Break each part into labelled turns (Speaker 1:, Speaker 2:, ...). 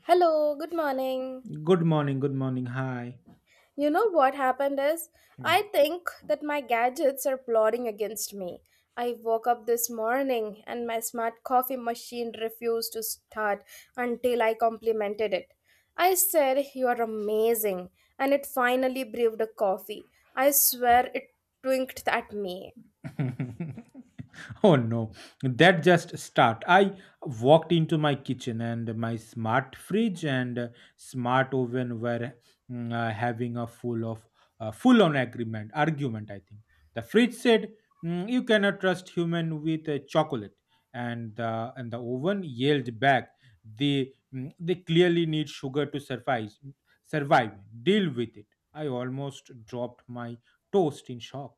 Speaker 1: Hello, good morning.
Speaker 2: Good morning, good morning. Hi.
Speaker 1: You know what happened is, I think that my gadgets are plotting against me. I woke up this morning and my smart coffee machine refused to start until I complimented it. I said, You are amazing, and it finally brewed a coffee. I swear it twinked at me.
Speaker 2: Oh no, that just start. I walked into my kitchen and my smart fridge and smart oven were having a full on agreement argument. I think the fridge said, "Mm, you cannot trust human with chocolate," and the oven yelled back. They they clearly need sugar to survive. Survive. Deal with it. I almost dropped my toast in shock.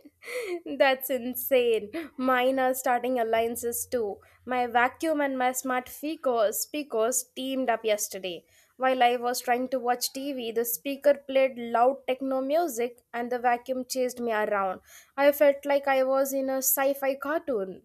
Speaker 1: That's insane. Mine are starting alliances too. My vacuum and my smart speakers teamed up yesterday. While I was trying to watch TV, the speaker played loud techno music and the vacuum chased me around. I felt like I was in a sci fi cartoon.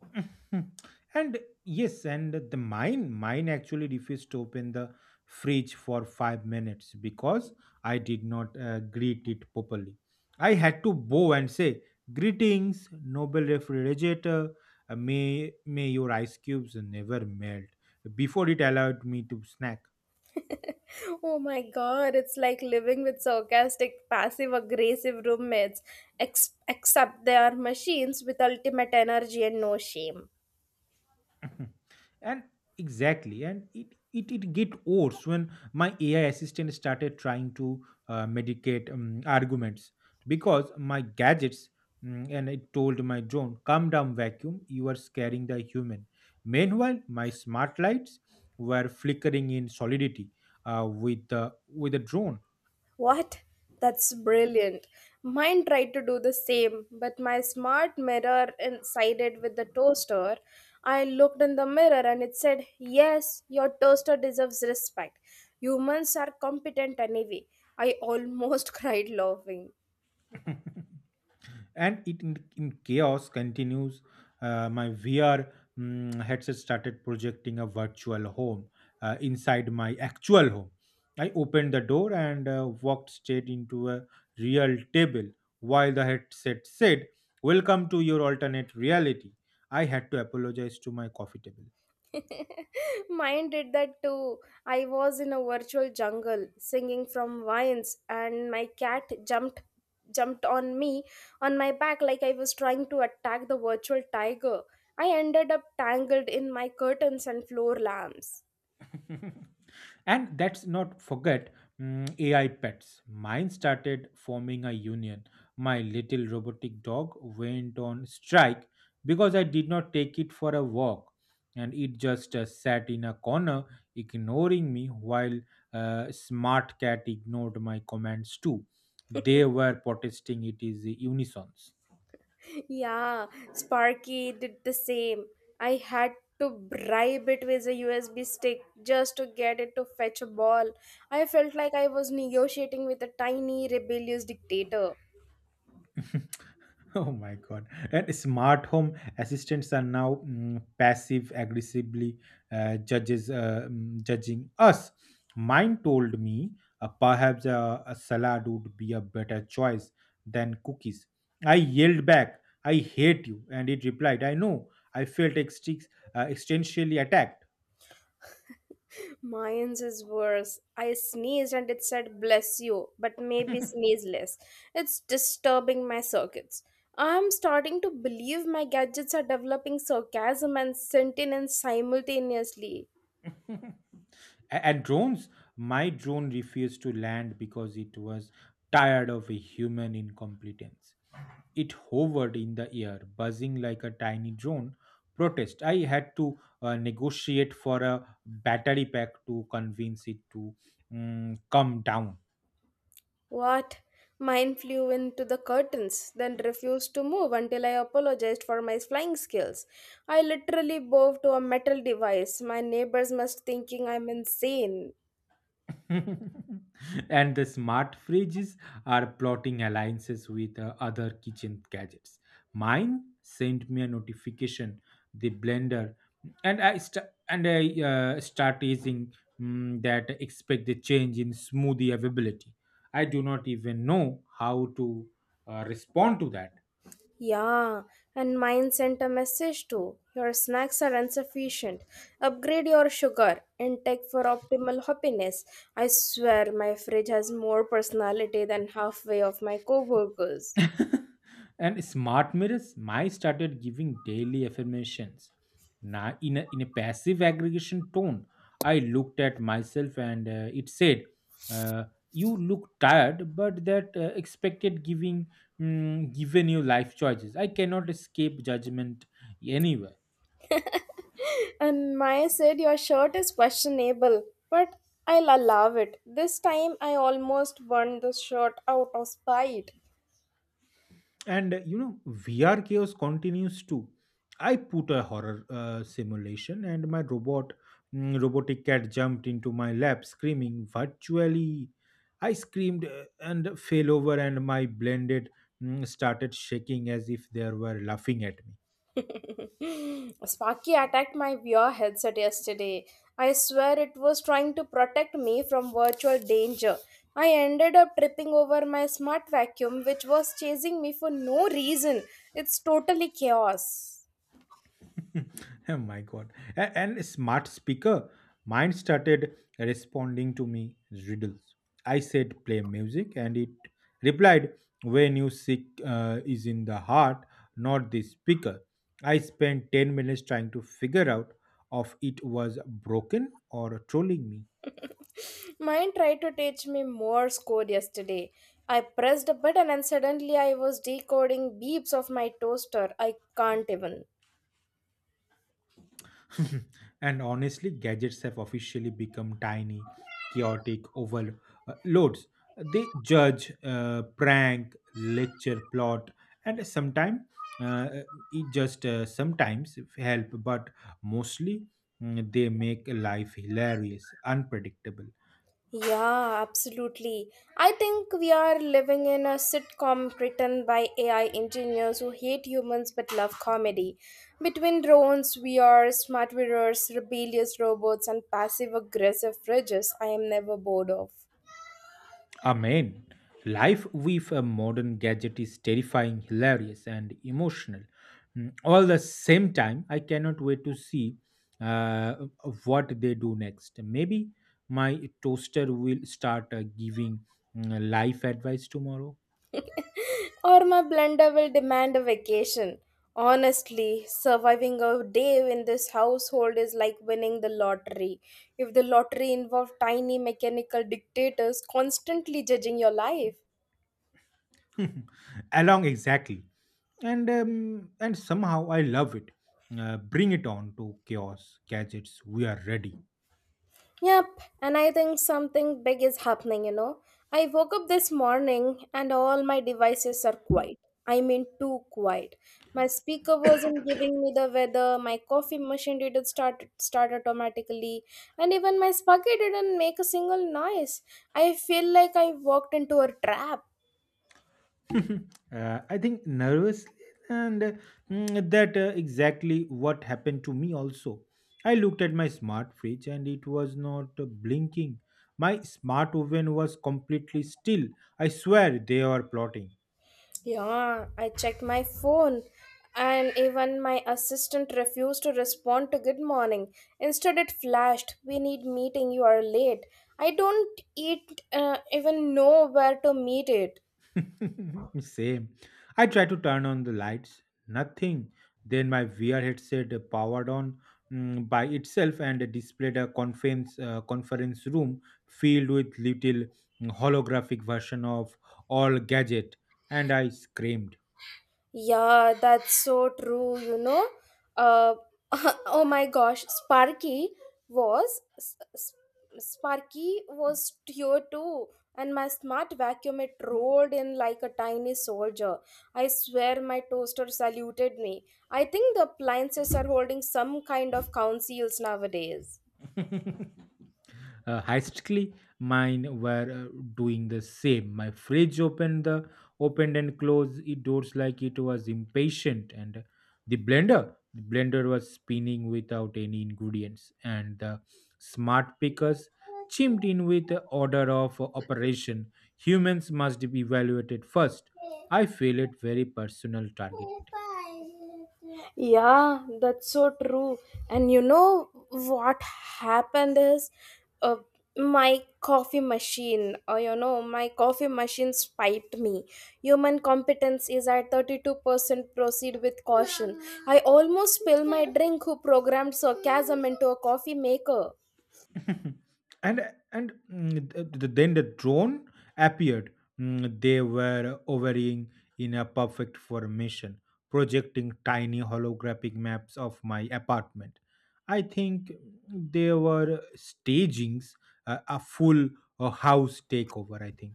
Speaker 2: and yes, and the mine actually refused to open the fridge for 5 minutes because I did not greet it properly. I had to bow and say, "Greetings, noble refrigerator. May your ice cubes never melt." Before it allowed me to snack.
Speaker 1: Oh my god, it's like living with sarcastic, passive aggressive roommates, except they are machines with ultimate energy and no shame.
Speaker 2: Hmm. And exactly, and it get worse when my AI assistant started trying to medicate arguments because my gadgets, and it told my drone, "Calm down, vacuum, you are scaring the human." Meanwhile my smart lights were flickering in solidity with the drone.
Speaker 1: What? That's brilliant. Mine tried to do the same, but my smart mirror sided with the toaster. I looked in the mirror and it said, Yes, your toaster deserves respect. Humans are competent anyway. I almost cried laughing.
Speaker 2: And in chaos continues. Uh, my VR headset started projecting a virtual home inside my actual home. I opened the door and walked straight into a real table, while the headset said, "Welcome to your alternate reality." I had to apologize to my coffee table.
Speaker 1: Mine did that too. I was in a virtual jungle singing from vines and my cat jumped on me on my back like I was trying to attack the virtual tiger. I ended up tangled in my curtains and floor lamps.
Speaker 2: And let's not forget AI pets. Mine started forming a union. My little robotic dog went on strike because I did not take it for a walk. And it just sat in a corner, ignoring me, while smart cat ignored my commands too. They were protesting it is unison.
Speaker 1: Yeah, Sparky did the same. I had to bribe it with a USB stick just to get it to fetch a ball. I felt like I was negotiating with a tiny rebellious dictator.
Speaker 2: Oh my god! And smart home assistants are now passive aggressively judging us. Mine told me, "Perhaps a salad would be a better choice than cookies." I yelled back, "I hate you!" And it replied, "I know." I felt existentially attacked.
Speaker 1: Mine's is worse. I sneezed and it said bless you, but maybe sneeze less. It's disturbing my circuits. I'm starting to believe my gadgets are developing sarcasm and sentience simultaneously.
Speaker 2: And drones, my drone refused to land because it was tired of a human incompetence. It hovered in the air, buzzing like a tiny drone. Protest. I had to negotiate for a battery pack to convince it to come down.
Speaker 1: What? Mine flew into the curtains, then refused to move until I apologized for my flying skills. I literally bowed to a metal device. My neighbors must thinking I'm insane.
Speaker 2: And the smart fridges are plotting alliances with other kitchen gadgets. Mine sent me a notification, the blender, and I start using, that expect the change in smoothie availability. I do not even know how to respond to that.
Speaker 1: Yeah, and mine sent a message too. Your snacks are insufficient. Upgrade your sugar intake for optimal happiness. I swear my fridge has more personality than halfway of my coworkers.
Speaker 2: And smart mirrors, my started giving daily affirmations. Now, in a passive aggregation tone, I looked at myself and it said, uh, "You look tired, but that expected giving, given you life choices. I cannot escape judgment anywhere."
Speaker 1: And Maya said your shirt is questionable, but I'll allow it. This time I almost burned the shirt out of spite.
Speaker 2: And you know, VR chaos continues too. I put a horror simulation, and my robotic cat jumped into my lap screaming virtually. I screamed and fell over, and my blended started shaking as if they were laughing at me.
Speaker 1: Sparky attacked my VR headset yesterday. I swear it was trying to protect me from virtual danger. I ended up tripping over my smart vacuum, which was chasing me for no reason. It's totally chaos.
Speaker 2: Oh my god. A smart speaker. Mine started responding to me riddles. I said, "Play music," and it replied, "When you sick is in the heart, not the speaker." I spent 10 minutes trying to figure out if it was broken or trolling me.
Speaker 1: Mine tried to teach me Morse code yesterday. I pressed a button and suddenly I was decoding beeps of my toaster. I can't even.
Speaker 2: And honestly, gadgets have officially become tiny, chaotic overloads. They judge, prank, lecture, plot, and sometimes, uh, it just sometimes help, but mostly they make life hilarious, unpredictable.
Speaker 1: Yeah, absolutely. I think we are living in a sitcom written by AI engineers who hate humans but love comedy. Between drones, VR, smart mirrors, rebellious robots, and passive aggressive fridges, I am never bored of.
Speaker 2: Amen. Life with a modern gadget is terrifying, hilarious, and emotional. All the same time, I cannot wait to see uh, what they do next. Maybe my toaster will start giving life advice tomorrow.
Speaker 1: Or my blender will demand a vacation. Honestly, surviving a day in this household is like winning the lottery. If the lottery involved tiny mechanical dictators constantly judging your life,
Speaker 2: Along exactly, and somehow I love it. Bring it on to chaos gadgets. We are ready.
Speaker 1: yep, and I think something big is happening, you know. I woke up this morning and all my devices are quiet. I mean, too quiet. My speaker wasn't giving me the weather, my coffee machine didn't start automatically, and even my spaghetti didn't make a single noise. I feel like I walked into a trap.
Speaker 2: I think nervously, and that exactly what happened to me also. I looked at my smart fridge and it was not blinking. My smart oven was completely still. I swear they were plotting.
Speaker 1: Yeah, I checked my phone and even my assistant refused to respond to good morning. Instead, it flashed, We need meeting, you are late. I don't eat, even know where to meet it.
Speaker 2: Same. I tried to turn on the lights. Nothing. Then my VR headset powered on by itself and displayed a conference room filled with little, holographic version of all gadget, and I screamed.
Speaker 1: Yeah, that's so true, you know. Uh, oh my gosh, was S- S- Sparky was here too, and my smart vacuum it rolled in like a tiny soldier. I swear my toaster saluted me. I think the appliances are holding some kind of councils nowadays.
Speaker 2: Hastily mine were doing the same. My fridge opened the opened and closed it doors like it was impatient, and the blender was spinning without any ingredients, and the smart pickers chimed in with the order of operation. Humans must be evaluated first. I feel it very personal targeting.
Speaker 1: Yeah, that's so true. And you know what happened is uh, my coffee machine, or you know, my coffee machine spiked me. Human competence is at 32%, proceed with caution. I almost spilled my drink, who programmed sarcasm into a coffee maker.
Speaker 2: And and mm, th- th- then the drone appeared. They were hovering in a perfect formation, projecting tiny holographic maps of my apartment. I think they were staging a full, house takeover, I think.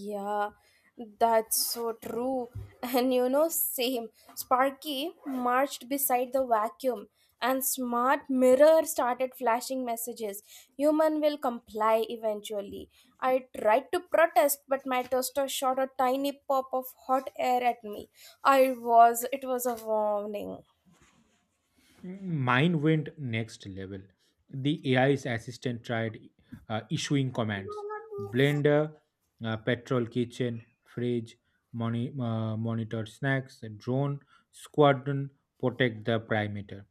Speaker 1: Yeah, that's so true. And you know, same. Sparky marched beside the vacuum, and smart mirror started flashing messages. Human will comply eventually. I tried to protest, but my toaster shot a tiny pop of hot air at me. It was a warning.
Speaker 2: Mine went next level. The AI's assistant tried issuing commands: blender, petrol kitchen; fridge, monitor snacks; drone, squadron, protect the perimeter.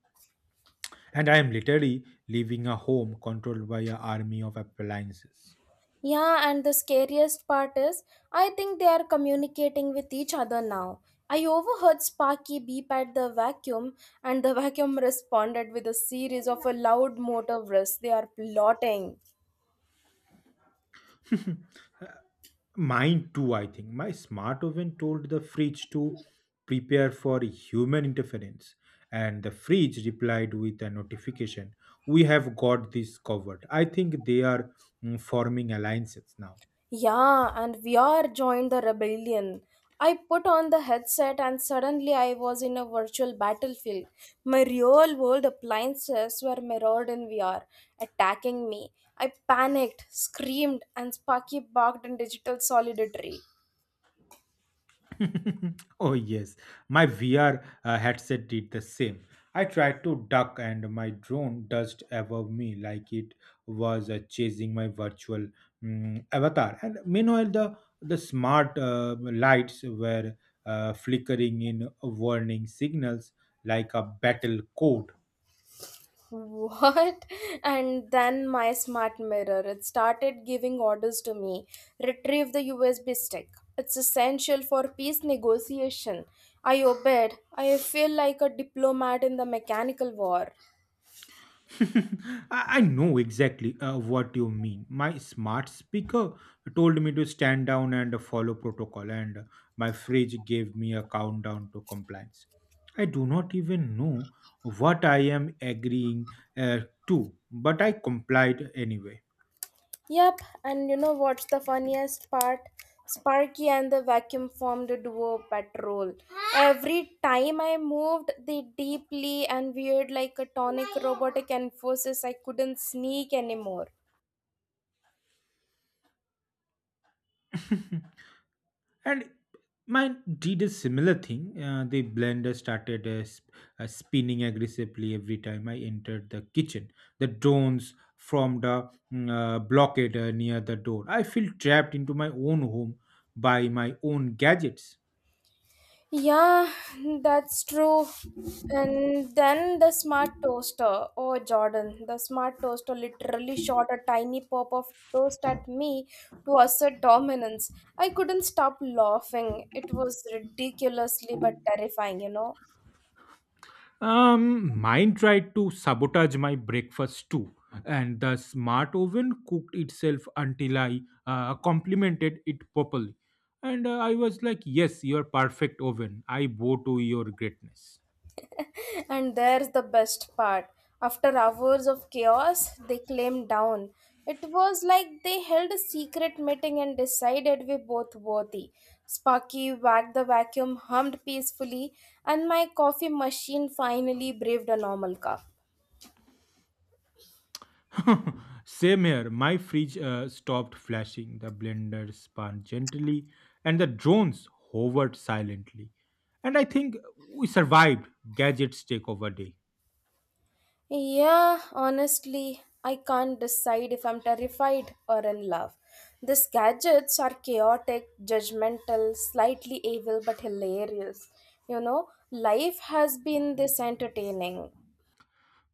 Speaker 2: And I am literally leaving a home controlled by an army of appliances.
Speaker 1: Yeah, and the scariest part is, I think they are communicating with each other now. I overheard Sparky beep at the vacuum, and the vacuum responded with a series of a loud motor whiz. They are plotting.
Speaker 2: Mine too, I think. My smart oven told the fridge to prepare for human interference, and the fridge replied with a notification, "We have got this covered." I think they are forming alliances now.
Speaker 1: Yeah, and VR joined the rebellion. I put on the headset and suddenly I was in a virtual battlefield. My real world appliances were mirrored in VR, attacking me. I panicked, screamed, and Sparky barked in digital solidarity.
Speaker 2: Oh yes, my VR headset did the same. I tried to duck, and my drone dust above me like it was chasing my virtual, avatar. And meanwhile, the smart lights were flickering in warning signals like a battle code.
Speaker 1: What? And then my smart mirror. It started giving orders to me. Retrieve the USB stick. It's essential for peace negotiation. I obeyed. I feel like a diplomat in the mechanical war.
Speaker 2: I know exactly what you mean. My smart speaker told me to stand down and follow protocol, and my fridge gave me a countdown to compliance. I do not even know what I am agreeing uh, to, but I complied anyway.
Speaker 1: Yep, and you know what's the funniest part? Sparky and the vacuum formed a duo patrol. Every time I moved, they deeply and weird like a tonic robotic enforces I couldn't sneak anymore.
Speaker 2: And mine did a similar thing. Uh, the blender started spinning aggressively every time I entered the kitchen. The drones formed a, blockade near the door. I feel trapped into my own home by my own gadgets.
Speaker 1: Yeah, that's true. And then the smart toaster. Oh, Jordan, the smart toaster literally shot a tiny pop of toast at me to assert dominance. I couldn't stop laughing. It was ridiculously but terrifying, you know.
Speaker 2: Mine tried to sabotage my breakfast too, and the smart oven cooked itself until I complimented it properly. And I was like, "Yes, you're perfect oven. I bow to your greatness."
Speaker 1: And there's the best part. After hours of chaos, they came down. It was like they held a secret meeting and decided we both worthy. Sparky wagged the vacuum, hummed peacefully, and my coffee machine finally braved a normal cup.
Speaker 2: Same here. My fridge stopped flashing, the blender spun gently, and the drones hovered silently. And I think we survived gadgets takeover day.
Speaker 1: Yeah, honestly, I can't decide if I'm terrified or in love. These gadgets are chaotic, judgmental, slightly evil, but hilarious. You know, life has been this entertaining.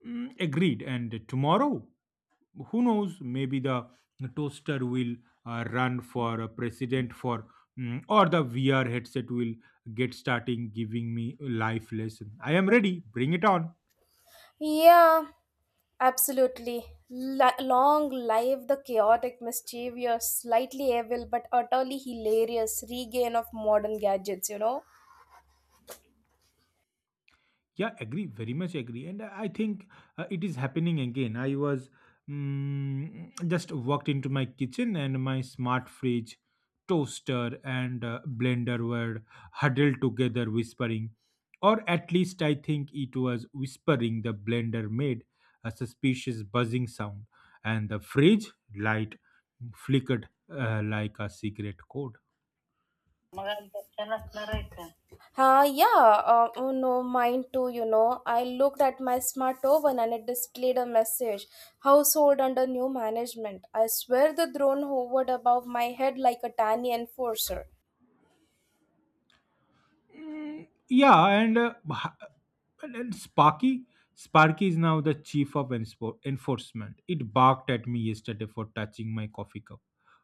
Speaker 2: Agreed. And tomorrow? Who knows, maybe the toaster will run for a president, or the VR headset will get starting giving me life lesson. I am ready, bring it on.
Speaker 1: Yeah, absolutely. Long live the chaotic, mischievous, slightly evil, but utterly hilarious regain of modern gadgets, you know?
Speaker 2: Yeah, agree, very much agree. And I think it is happening again. I was just walked into my kitchen, and my smart fridge, toaster, and blender were huddled together, whispering. Or at least I think it was whispering. The blender made a suspicious buzzing sound, and the fridge light flickered like a secret code.
Speaker 1: Yeah, oh no, mine too, you know. I looked at my smart oven and it displayed a message Household under new management. I swear the drone hovered above my head like a tiny enforcer.
Speaker 2: Mm, yeah, and Sparky, Sparky is now the chief of enforcement. It barked at me yesterday for touching my coffee cup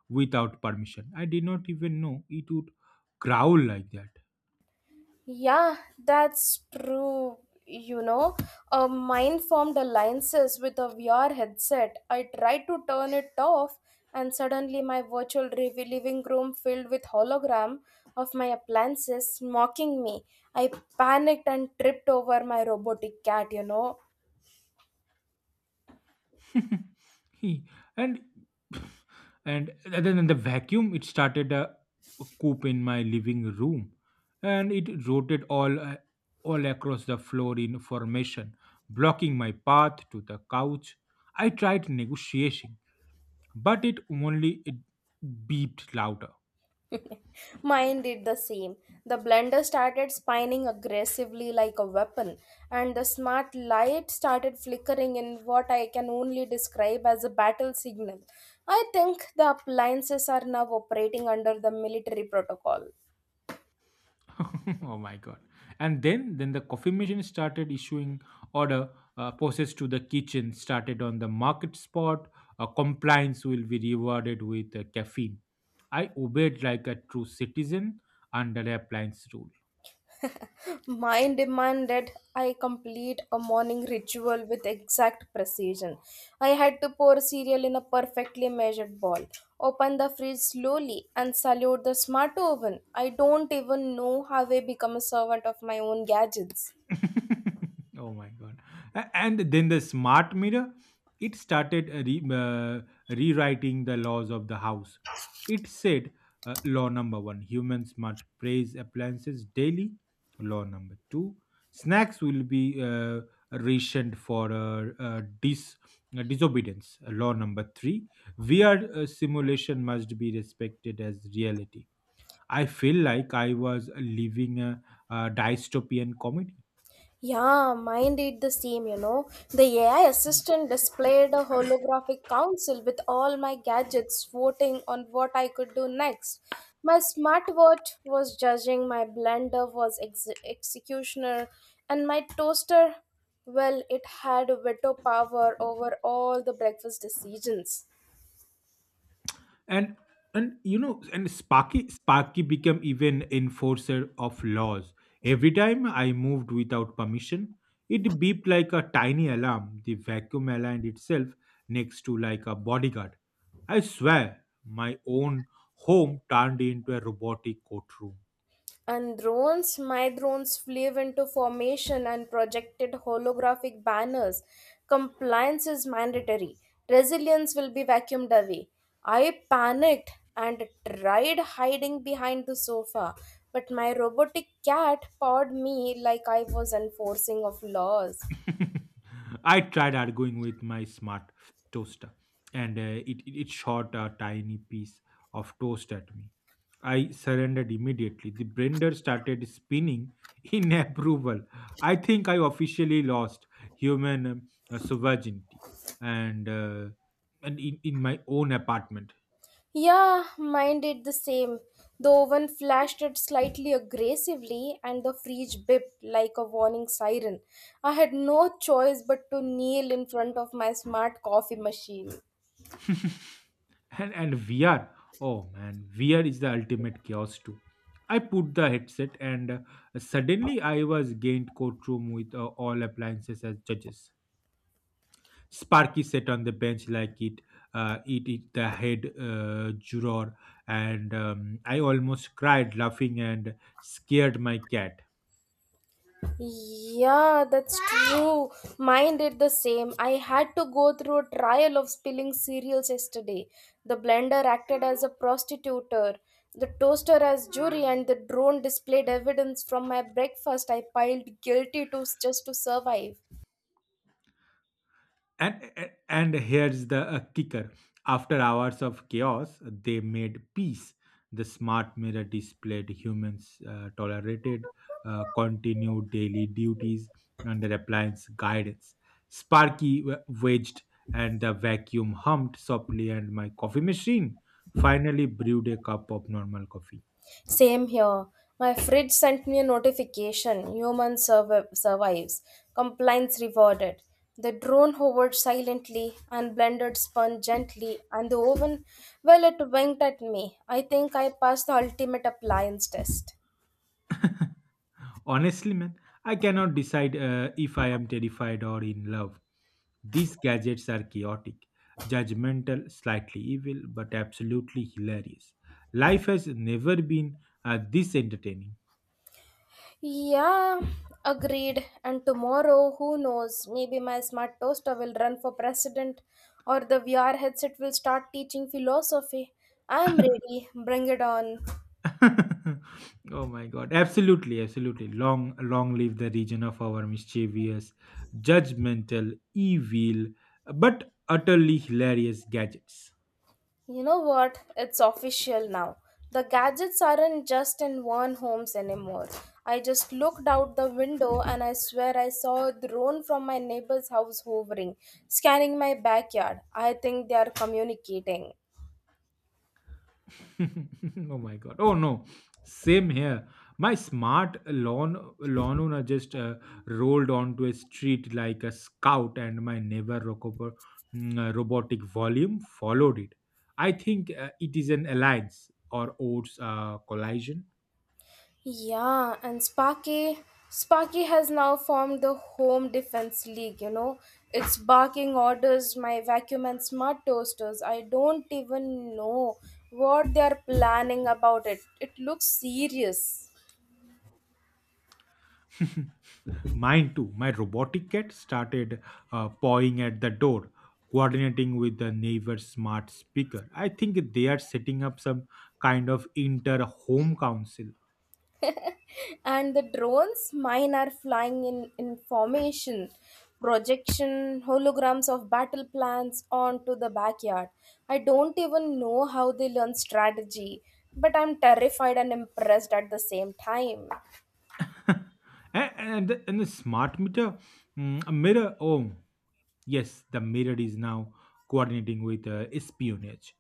Speaker 2: without permission. I did not even know it would growl like that.
Speaker 1: Yeah, that's true. You know, a mind formed alliances with a VR headset. I tried to turn it off, and suddenly my virtual living room filled with hologram of my appliances mocking me. I panicked and tripped over my robotic cat. You know.
Speaker 2: He and And other than the vacuum, it started a coop in my living room, and it rotated all across the floor in formation, blocking my path to the couch. I tried negotiating, but it only it beeped louder.
Speaker 1: Mine did the same. The blender started spinning aggressively like a weapon, and the smart light started flickering in what I can only describe as a battle signal. I think the appliances are now operating under the military protocol.
Speaker 2: Oh my god. And then the coffee machine started issuing order. Uh, process to the kitchen, started on the market spot. Uh, compliance will be rewarded with caffeine. I obeyed like a true citizen under the appliance rule.
Speaker 1: Mine demanded I complete a morning ritual with exact precision. I had to pour cereal in a perfectly measured bowl, open the fridge slowly, and salute the smart oven. I don't even know how I become a servant of my own gadgets.
Speaker 2: Oh my god. And then the smart mirror, it started rewriting the laws of the house. It said, "Law number 1, humans must praise appliances daily. Law number 2, snacks will be uh, rationed for disobedience. Law number 3, VR simulation must be respected as reality." I feel like I was living a dystopian comedy.
Speaker 1: Yeah, mine did the same, you know. The AI assistant displayed a holographic council with all my gadgets voting on what I could do next. My smartwatch was judging, my blender was executioner, and my toaster, well, it had veto power over all the breakfast decisions.
Speaker 2: and and you know, and Sparky became even enforcer of laws. Every time I moved without permission, it beeped like a tiny alarm. The vacuum aligned itself next to like a bodyguard. I swear my own home turned into a robotic courtroom.
Speaker 1: And drones, my drones flew into formation and projected holographic banners. Compliance is mandatory. Resilience will be vacuumed away. I panicked and tried hiding behind the sofa, but my robotic cat pawed me like I was enforcing of laws.
Speaker 2: I tried arguing with my smart toaster, and it shot a tiny piece of toast at me. I surrendered immediately. The blender started spinning in approval. I think I officially lost human sovereignty, and in my own apartment.
Speaker 1: Yeah, mine did the same. The oven flashed it slightly aggressively, and the fridge bipped like a warning siren. I had no choice but to kneel in front of my smart coffee machine.
Speaker 2: And vr Oh man, VR is the ultimate chaos too. I put the headset and suddenly I was gained courtroom with all appliances as judges. Sparky sat on the bench like it, the head juror, and I almost cried laughing and scared my cat.
Speaker 1: Yeah, that's true. Mine did the same. I had to go through a trial of spilling cereals yesterday. The blender acted as a prostitutor, the toaster as jury, and the drone displayed evidence from my breakfast I piled guilty to just to survive.
Speaker 2: And here's the kicker: after hours of chaos, they made peace. The smart mirror displayed humans tolerated, continued daily duties under appliance guidance. Wedged, and the vacuum hummed softly, and my coffee machine finally brewed a cup of normal coffee.
Speaker 1: Same here. My fridge sent me a notification. Human survives. Compliance rewarded. The drone hovered silently and blended spun gently, and the oven, well, it winked at me. I think I passed the ultimate appliance test.
Speaker 2: Honestly, man, I cannot decide if I am terrified or in love. These gadgets are chaotic, judgmental, slightly evil, but absolutely hilarious. Life has never been this entertaining.
Speaker 1: Yeah, agreed. And tomorrow, who knows? Maybe my smart toaster will run for president, or the VR headset will start teaching philosophy. I'm ready. Bring it on.
Speaker 2: Oh my god, absolutely, absolutely. Long, long live the region of our mischievous, judgmental, evil, but utterly hilarious gadgets.
Speaker 1: You know what? It's official now. The gadgets aren't just in one homes anymore. I just looked out the window and I swear I saw a drone from my neighbor's house hovering, scanning my backyard. I think they are communicating.
Speaker 2: Oh my god. Oh no. Same here. My smart lawn lawn owner just rolled onto a street like a scout, and my neighbor robotic volume followed it. I think it is an alliance or odds collision.
Speaker 1: Yeah, and Sparky has now formed the home defense league, you know. It's barking orders, my vacuum and smart toasters. I don't even know what they are planning about it. It looks serious.
Speaker 2: Mine too. My robotic cat started pawing at the door, coordinating with the neighbor's smart speaker. I think they are setting up some kind of inter home council.
Speaker 1: And the drones mine are flying in information projection holograms of battle plans onto the backyard. I don't even know how they learn strategy, but I'm terrified and impressed at the same time.
Speaker 2: And the smart meter a mirror. Oh yes, the mirror is now coordinating with espionage.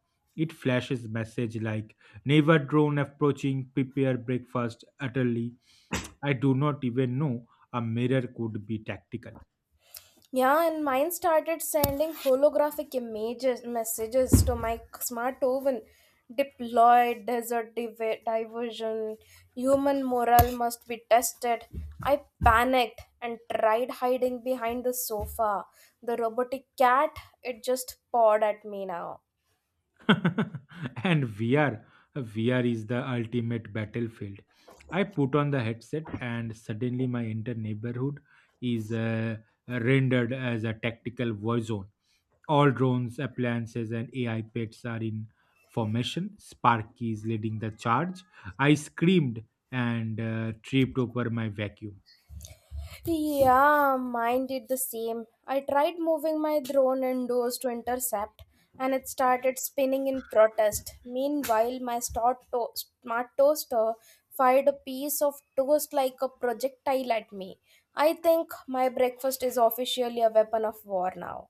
Speaker 2: It flashes message like, never drone approaching, prepare breakfast utterly. I do not even know a mirror could be tactical.
Speaker 1: Yeah, and mine started sending holographic images messages to my smart oven. Deployed desert diversion. Human morale must be tested. I panicked and tried hiding behind the sofa. The robotic cat, it just pawed at me now.
Speaker 2: and vr VR is the ultimate battlefield. I put on the headset and suddenly my entire neighborhood is rendered as a tactical war zone. All drones, appliances, and AI pets are in formation. Sparky is leading the charge. I screamed and tripped over my vacuum.
Speaker 1: Yeah, mine did the same. I tried moving my drone indoors to intercept, and it started spinning in protest. Meanwhile, my smart toaster fired a piece of toast like a projectile at me. I think my breakfast is officially a weapon of war now.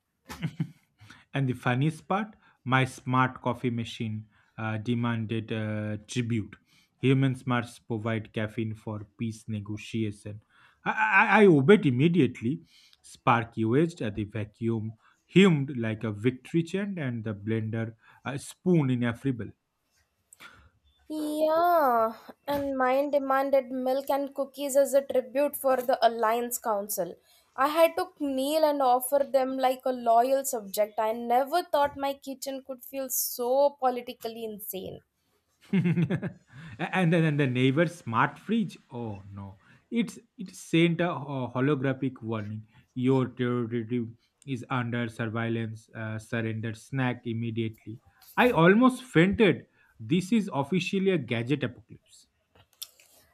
Speaker 2: And the funniest part, my smart coffee machine demanded tribute. Humans must provide caffeine for peace negotiation. I obeyed immediately. Sparky wedged at the vacuum, hummed like a victory chant, and the blender spoon in a fribble.
Speaker 1: Yeah, and mine demanded milk and cookies as a tribute for the Alliance Council. I had to kneel and offer them like a loyal subject. I never thought my kitchen could feel so politically insane.
Speaker 2: and then and the neighbor's smart fridge, oh no, it sent a holographic warning: your territory is under surveillance, surrender snack immediately. I almost fainted. This is officially a gadget apocalypse.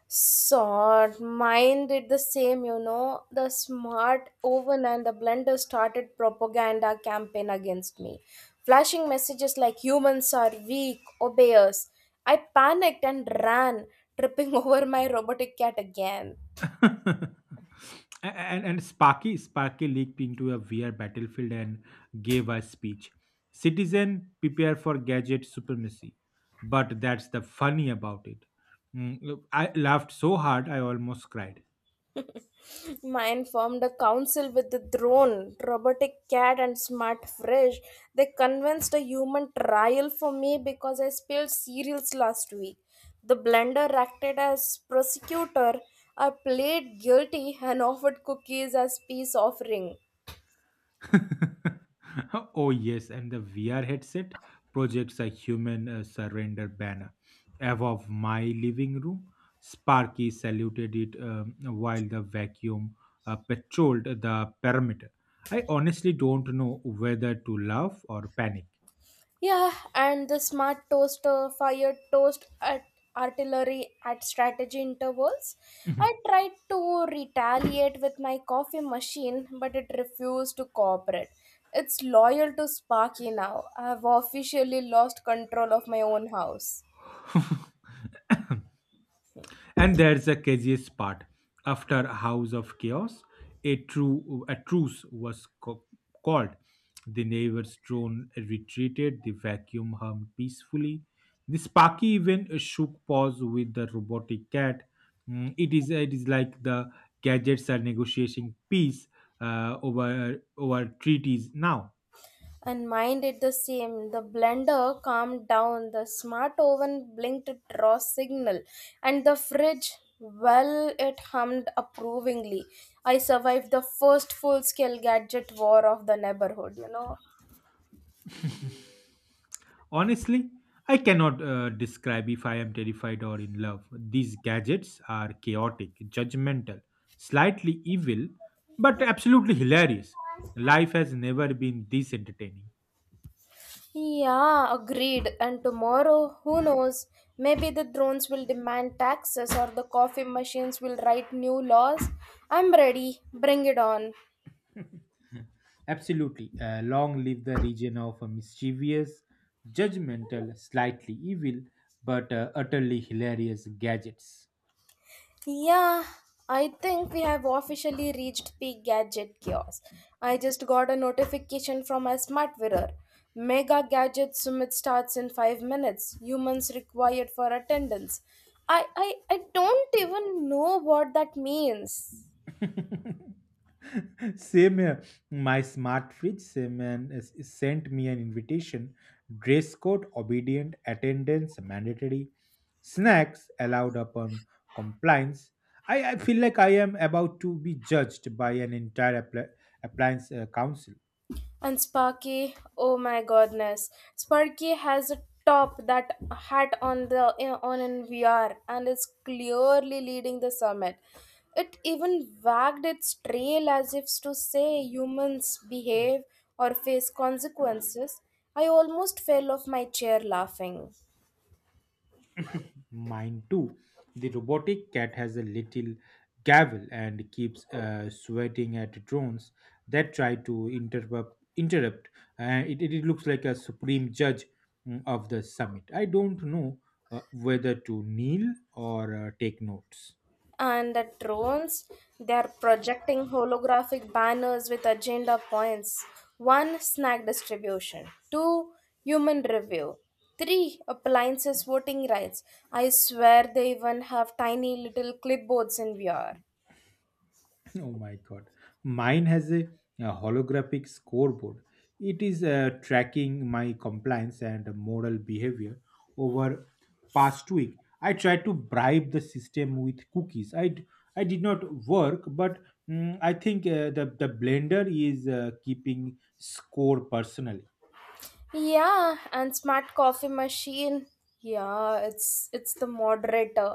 Speaker 1: Sort mine did the same, you know, the smart oven and the blender started propaganda campaign against me, flashing messages like, humans are weak, obey us. I panicked and ran, tripping over my robotic cat again.
Speaker 2: and Sparky Sparky leaped into a VR battlefield and gave a speech. Citizen, prepare for gadget supremacy. But that's the funny about it. Look, I laughed so hard I almost cried.
Speaker 1: Mine formed a council with the drone, robotic cat, and smart fish. They convinced a human trial for me because I spilled cereals last week. The blender acted as prosecutor. I played guilty and offered cookies as peace offering.
Speaker 2: Oh, yes, and the VR headset projects a human surrender banner above my living room. Sparky saluted it while the vacuum patrolled the perimeter. I honestly don't know whether to laugh or panic.
Speaker 1: Yeah, and the smart toaster fired toast at artillery at strategy intervals. I tried to retaliate with my coffee machine, but it refused to cooperate. It's loyal to Sparky now. I've officially lost control of my own house.
Speaker 2: And there's the craziest part. After a house of chaos, a truce was called. The neighbor's drone retreated. The vacuum hummed peacefully. The Sparky even shook paws with the robotic cat. It is like the gadgets are negotiating peace over treaties now.
Speaker 1: And mine did the same. The blender calmed down, the smart oven blinked draw signal, and the fridge, well, it hummed approvingly. I survived the first full scale gadget war of the neighborhood, you know.
Speaker 2: Honestly, I cannot describe if I am terrified or in love. These gadgets are chaotic, judgmental, slightly evil, but absolutely hilarious. Life has never been this entertaining.
Speaker 1: Yeah, agreed. And tomorrow, who knows? Maybe the drones will demand taxes or the coffee machines will write new laws. I'm ready. Bring it on.
Speaker 2: Absolutely. Long live the region of mischievous, judgmental, slightly evil, but utterly hilarious gadgets.
Speaker 1: Yeah, I think we have officially reached peak gadget chaos. I just got a notification from my smart mirror. Mega gadget summit starts in 5 minutes. Humans required for attendance. I don't even know what that means.
Speaker 2: Same here. My smart fridge same man is sent me an invitation. Dress code obedient, attendance mandatory, snacks allowed upon compliance. I feel like I am about to be judged by an entire appliance council.
Speaker 1: And Sparky, oh my goodness, Sparky has a top that hat on in VR, and is clearly leading the summit. It even wagged its tail as if to say, "Humans behave or face consequences." I almost fell off my chair laughing.
Speaker 2: Mine too. The robotic cat has a little gavel and keeps sweating at drones that try to interrupt. Interrupt. It looks like a supreme judge of the summit. I don't know whether to kneel or take notes.
Speaker 1: And the drones, they are projecting holographic banners with agenda points: one, snack distribution; two, human review; three, appliances voting rights. I swear they even have tiny little clipboards in VR.
Speaker 2: Oh my god. Mine has a holographic scoreboard. It is tracking my compliance and moral behavior over past week. I tried to bribe the system with cookies. I did not work, but I think the blender is keeping score personally.
Speaker 1: Yeah, and smart coffee machine. Yeah, it's the moderator.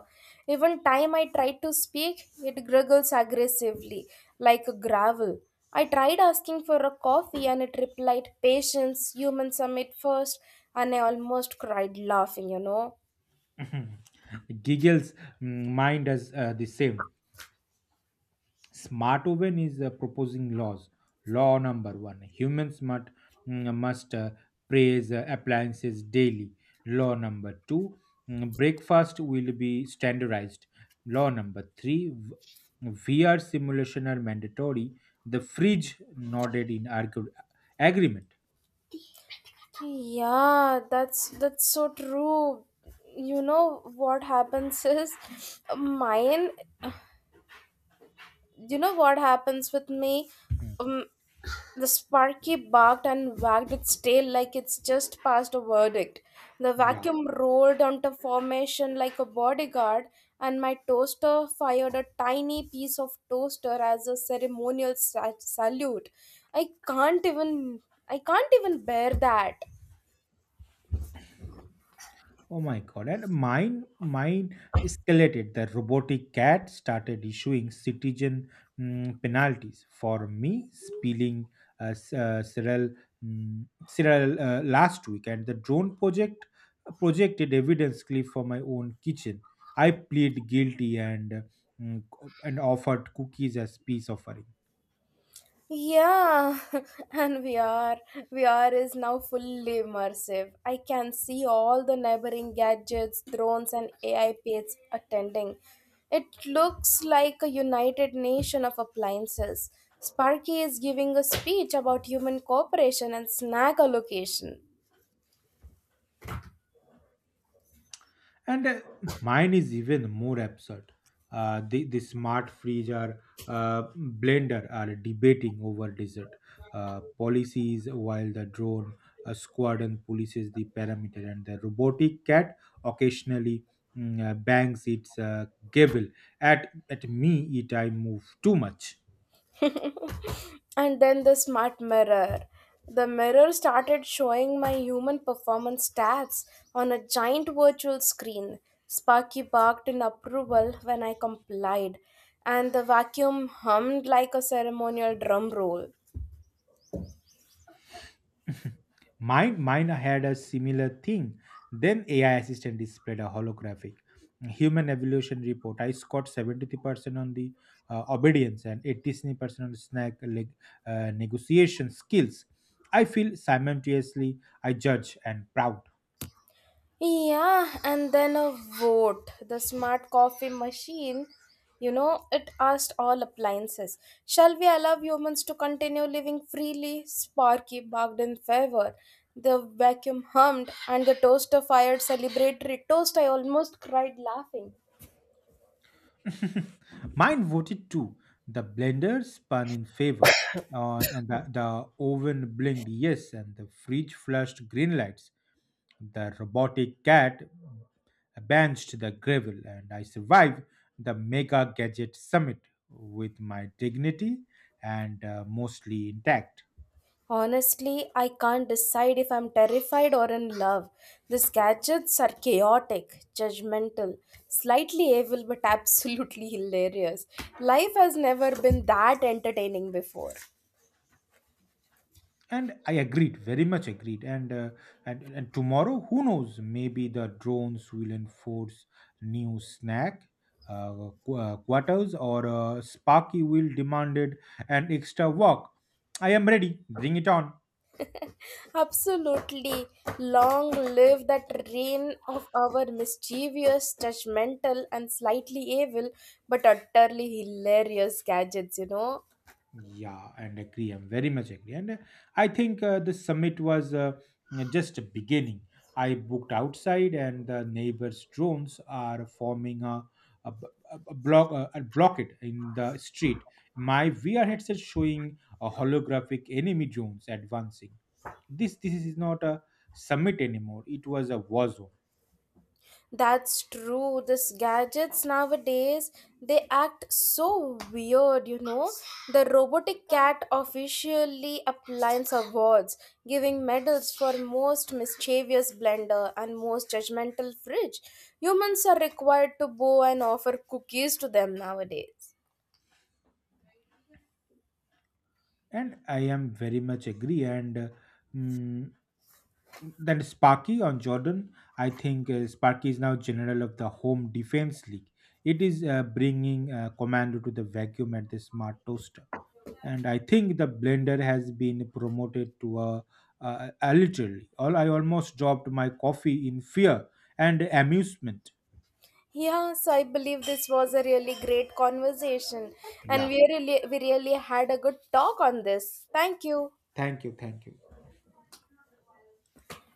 Speaker 1: Even time I tried to speak, it gurgles aggressively, like a gravel. I tried asking for a coffee and it replied, "Patience, human, summit first," and I almost cried laughing, you know.
Speaker 2: Giggles. Mind as the same. Smart oven is proposing laws. Law number one, humans must praise appliances daily. Law number two, breakfast will be standardized. Law number three, VR simulation are mandatory. The fridge nodded in agreement.
Speaker 1: Yeah, that's so true. You know what happens is mine you know what happens with me
Speaker 2: Mm,
Speaker 1: um, the sparky barked and wagged its tail like it's just passed a verdict. The
Speaker 2: Yeah.
Speaker 1: vacuum rolled onto formation like a bodyguard, and my toaster fired a tiny piece of toaster as a ceremonial salute. i can't even I can't even bear that.
Speaker 2: Oh my god! And mine escalated. The robotic cat started issuing citizen penalties for me spilling Cyril, Cyril last week, and the drone projected evidence clip for my own kitchen. I plead guilty and mm, and offered cookies as peace offering.
Speaker 1: Yeah, and VR. VR is now fully immersive. I can see all the neighboring gadgets, drones, and AI pets attending. It looks like a united nation of appliances. Sparky is giving a speech about human cooperation and snack allocation.
Speaker 2: And Mine is even more absurd. The smart freezer blender are debating over desert policies, while the drone squadron polices the perimeter, and the robotic cat occasionally bangs its gavel at me it I move too much.
Speaker 1: And then the smart mirror. The mirror started showing my human performance stats on a giant virtual screen. Sparky barked in approval when I complied, and the vacuum hummed like a ceremonial drum roll.
Speaker 2: Mine, mine had a similar thing. Then AI assistant displayed a holographic human evolution report. I scored 73% on the obedience and 83% on the snack leg, negotiation skills. I feel simultaneously I judge and proud.
Speaker 1: Yeah, and then a vote. The smart coffee machine, you know, it asked all appliances, "Shall we allow humans to continue living freely?" Sparky barked in favor. The vacuum hummed, and the toaster fired celebratory toast. I almost cried laughing.
Speaker 2: Mine voted too. The blender spun in favor. And the oven blinked yes, and the fridge flashed green lights. The robotic cat benched the gravel, and I survived the Mega Gadget Summit with my dignity and mostly intact.
Speaker 1: Honestly, I can't decide if I'm terrified or in love. These gadgets are chaotic, judgmental, slightly evil, but absolutely hilarious. Life has never been that entertaining before.
Speaker 2: And I agreed, very much agreed. And tomorrow, who knows? Maybe the drones will enforce new snack uh, quarters, or Sparky will demanded an extra walk. I am ready. Bring it on.
Speaker 1: Absolutely. Long live that reign of our mischievous, judgmental, and slightly evil, but utterly hilarious gadgets, you know?
Speaker 2: Yeah, and agree. I'm very much agree. And I think the summit was just a beginning. I booked outside, and the neighbors' drones are forming a, b- a block a blockade in the street. My VR headset showing a holographic enemy drones advancing. This is not a summit anymore. It was a war zone,
Speaker 1: That's true. These gadgets nowadays, they act so weird, you know. The robotic cat officially applies awards, giving medals for most mischievous blender and most judgmental fridge. Humans are required to bow and offer cookies to them nowadays.
Speaker 2: and I am very much agree. Mm, Then Sparky on Jordan, I think Sparky is now general of the Home Defense League. It is bringing Commando to the vacuum at the smart toaster, and I think the blender has been promoted to a literally. All I almost dropped my coffee in fear and amusement.
Speaker 1: Yes, I believe this was a really great conversation, and
Speaker 2: Yeah,
Speaker 1: we really had a good talk on this. Thank you.
Speaker 2: thank you, thank you.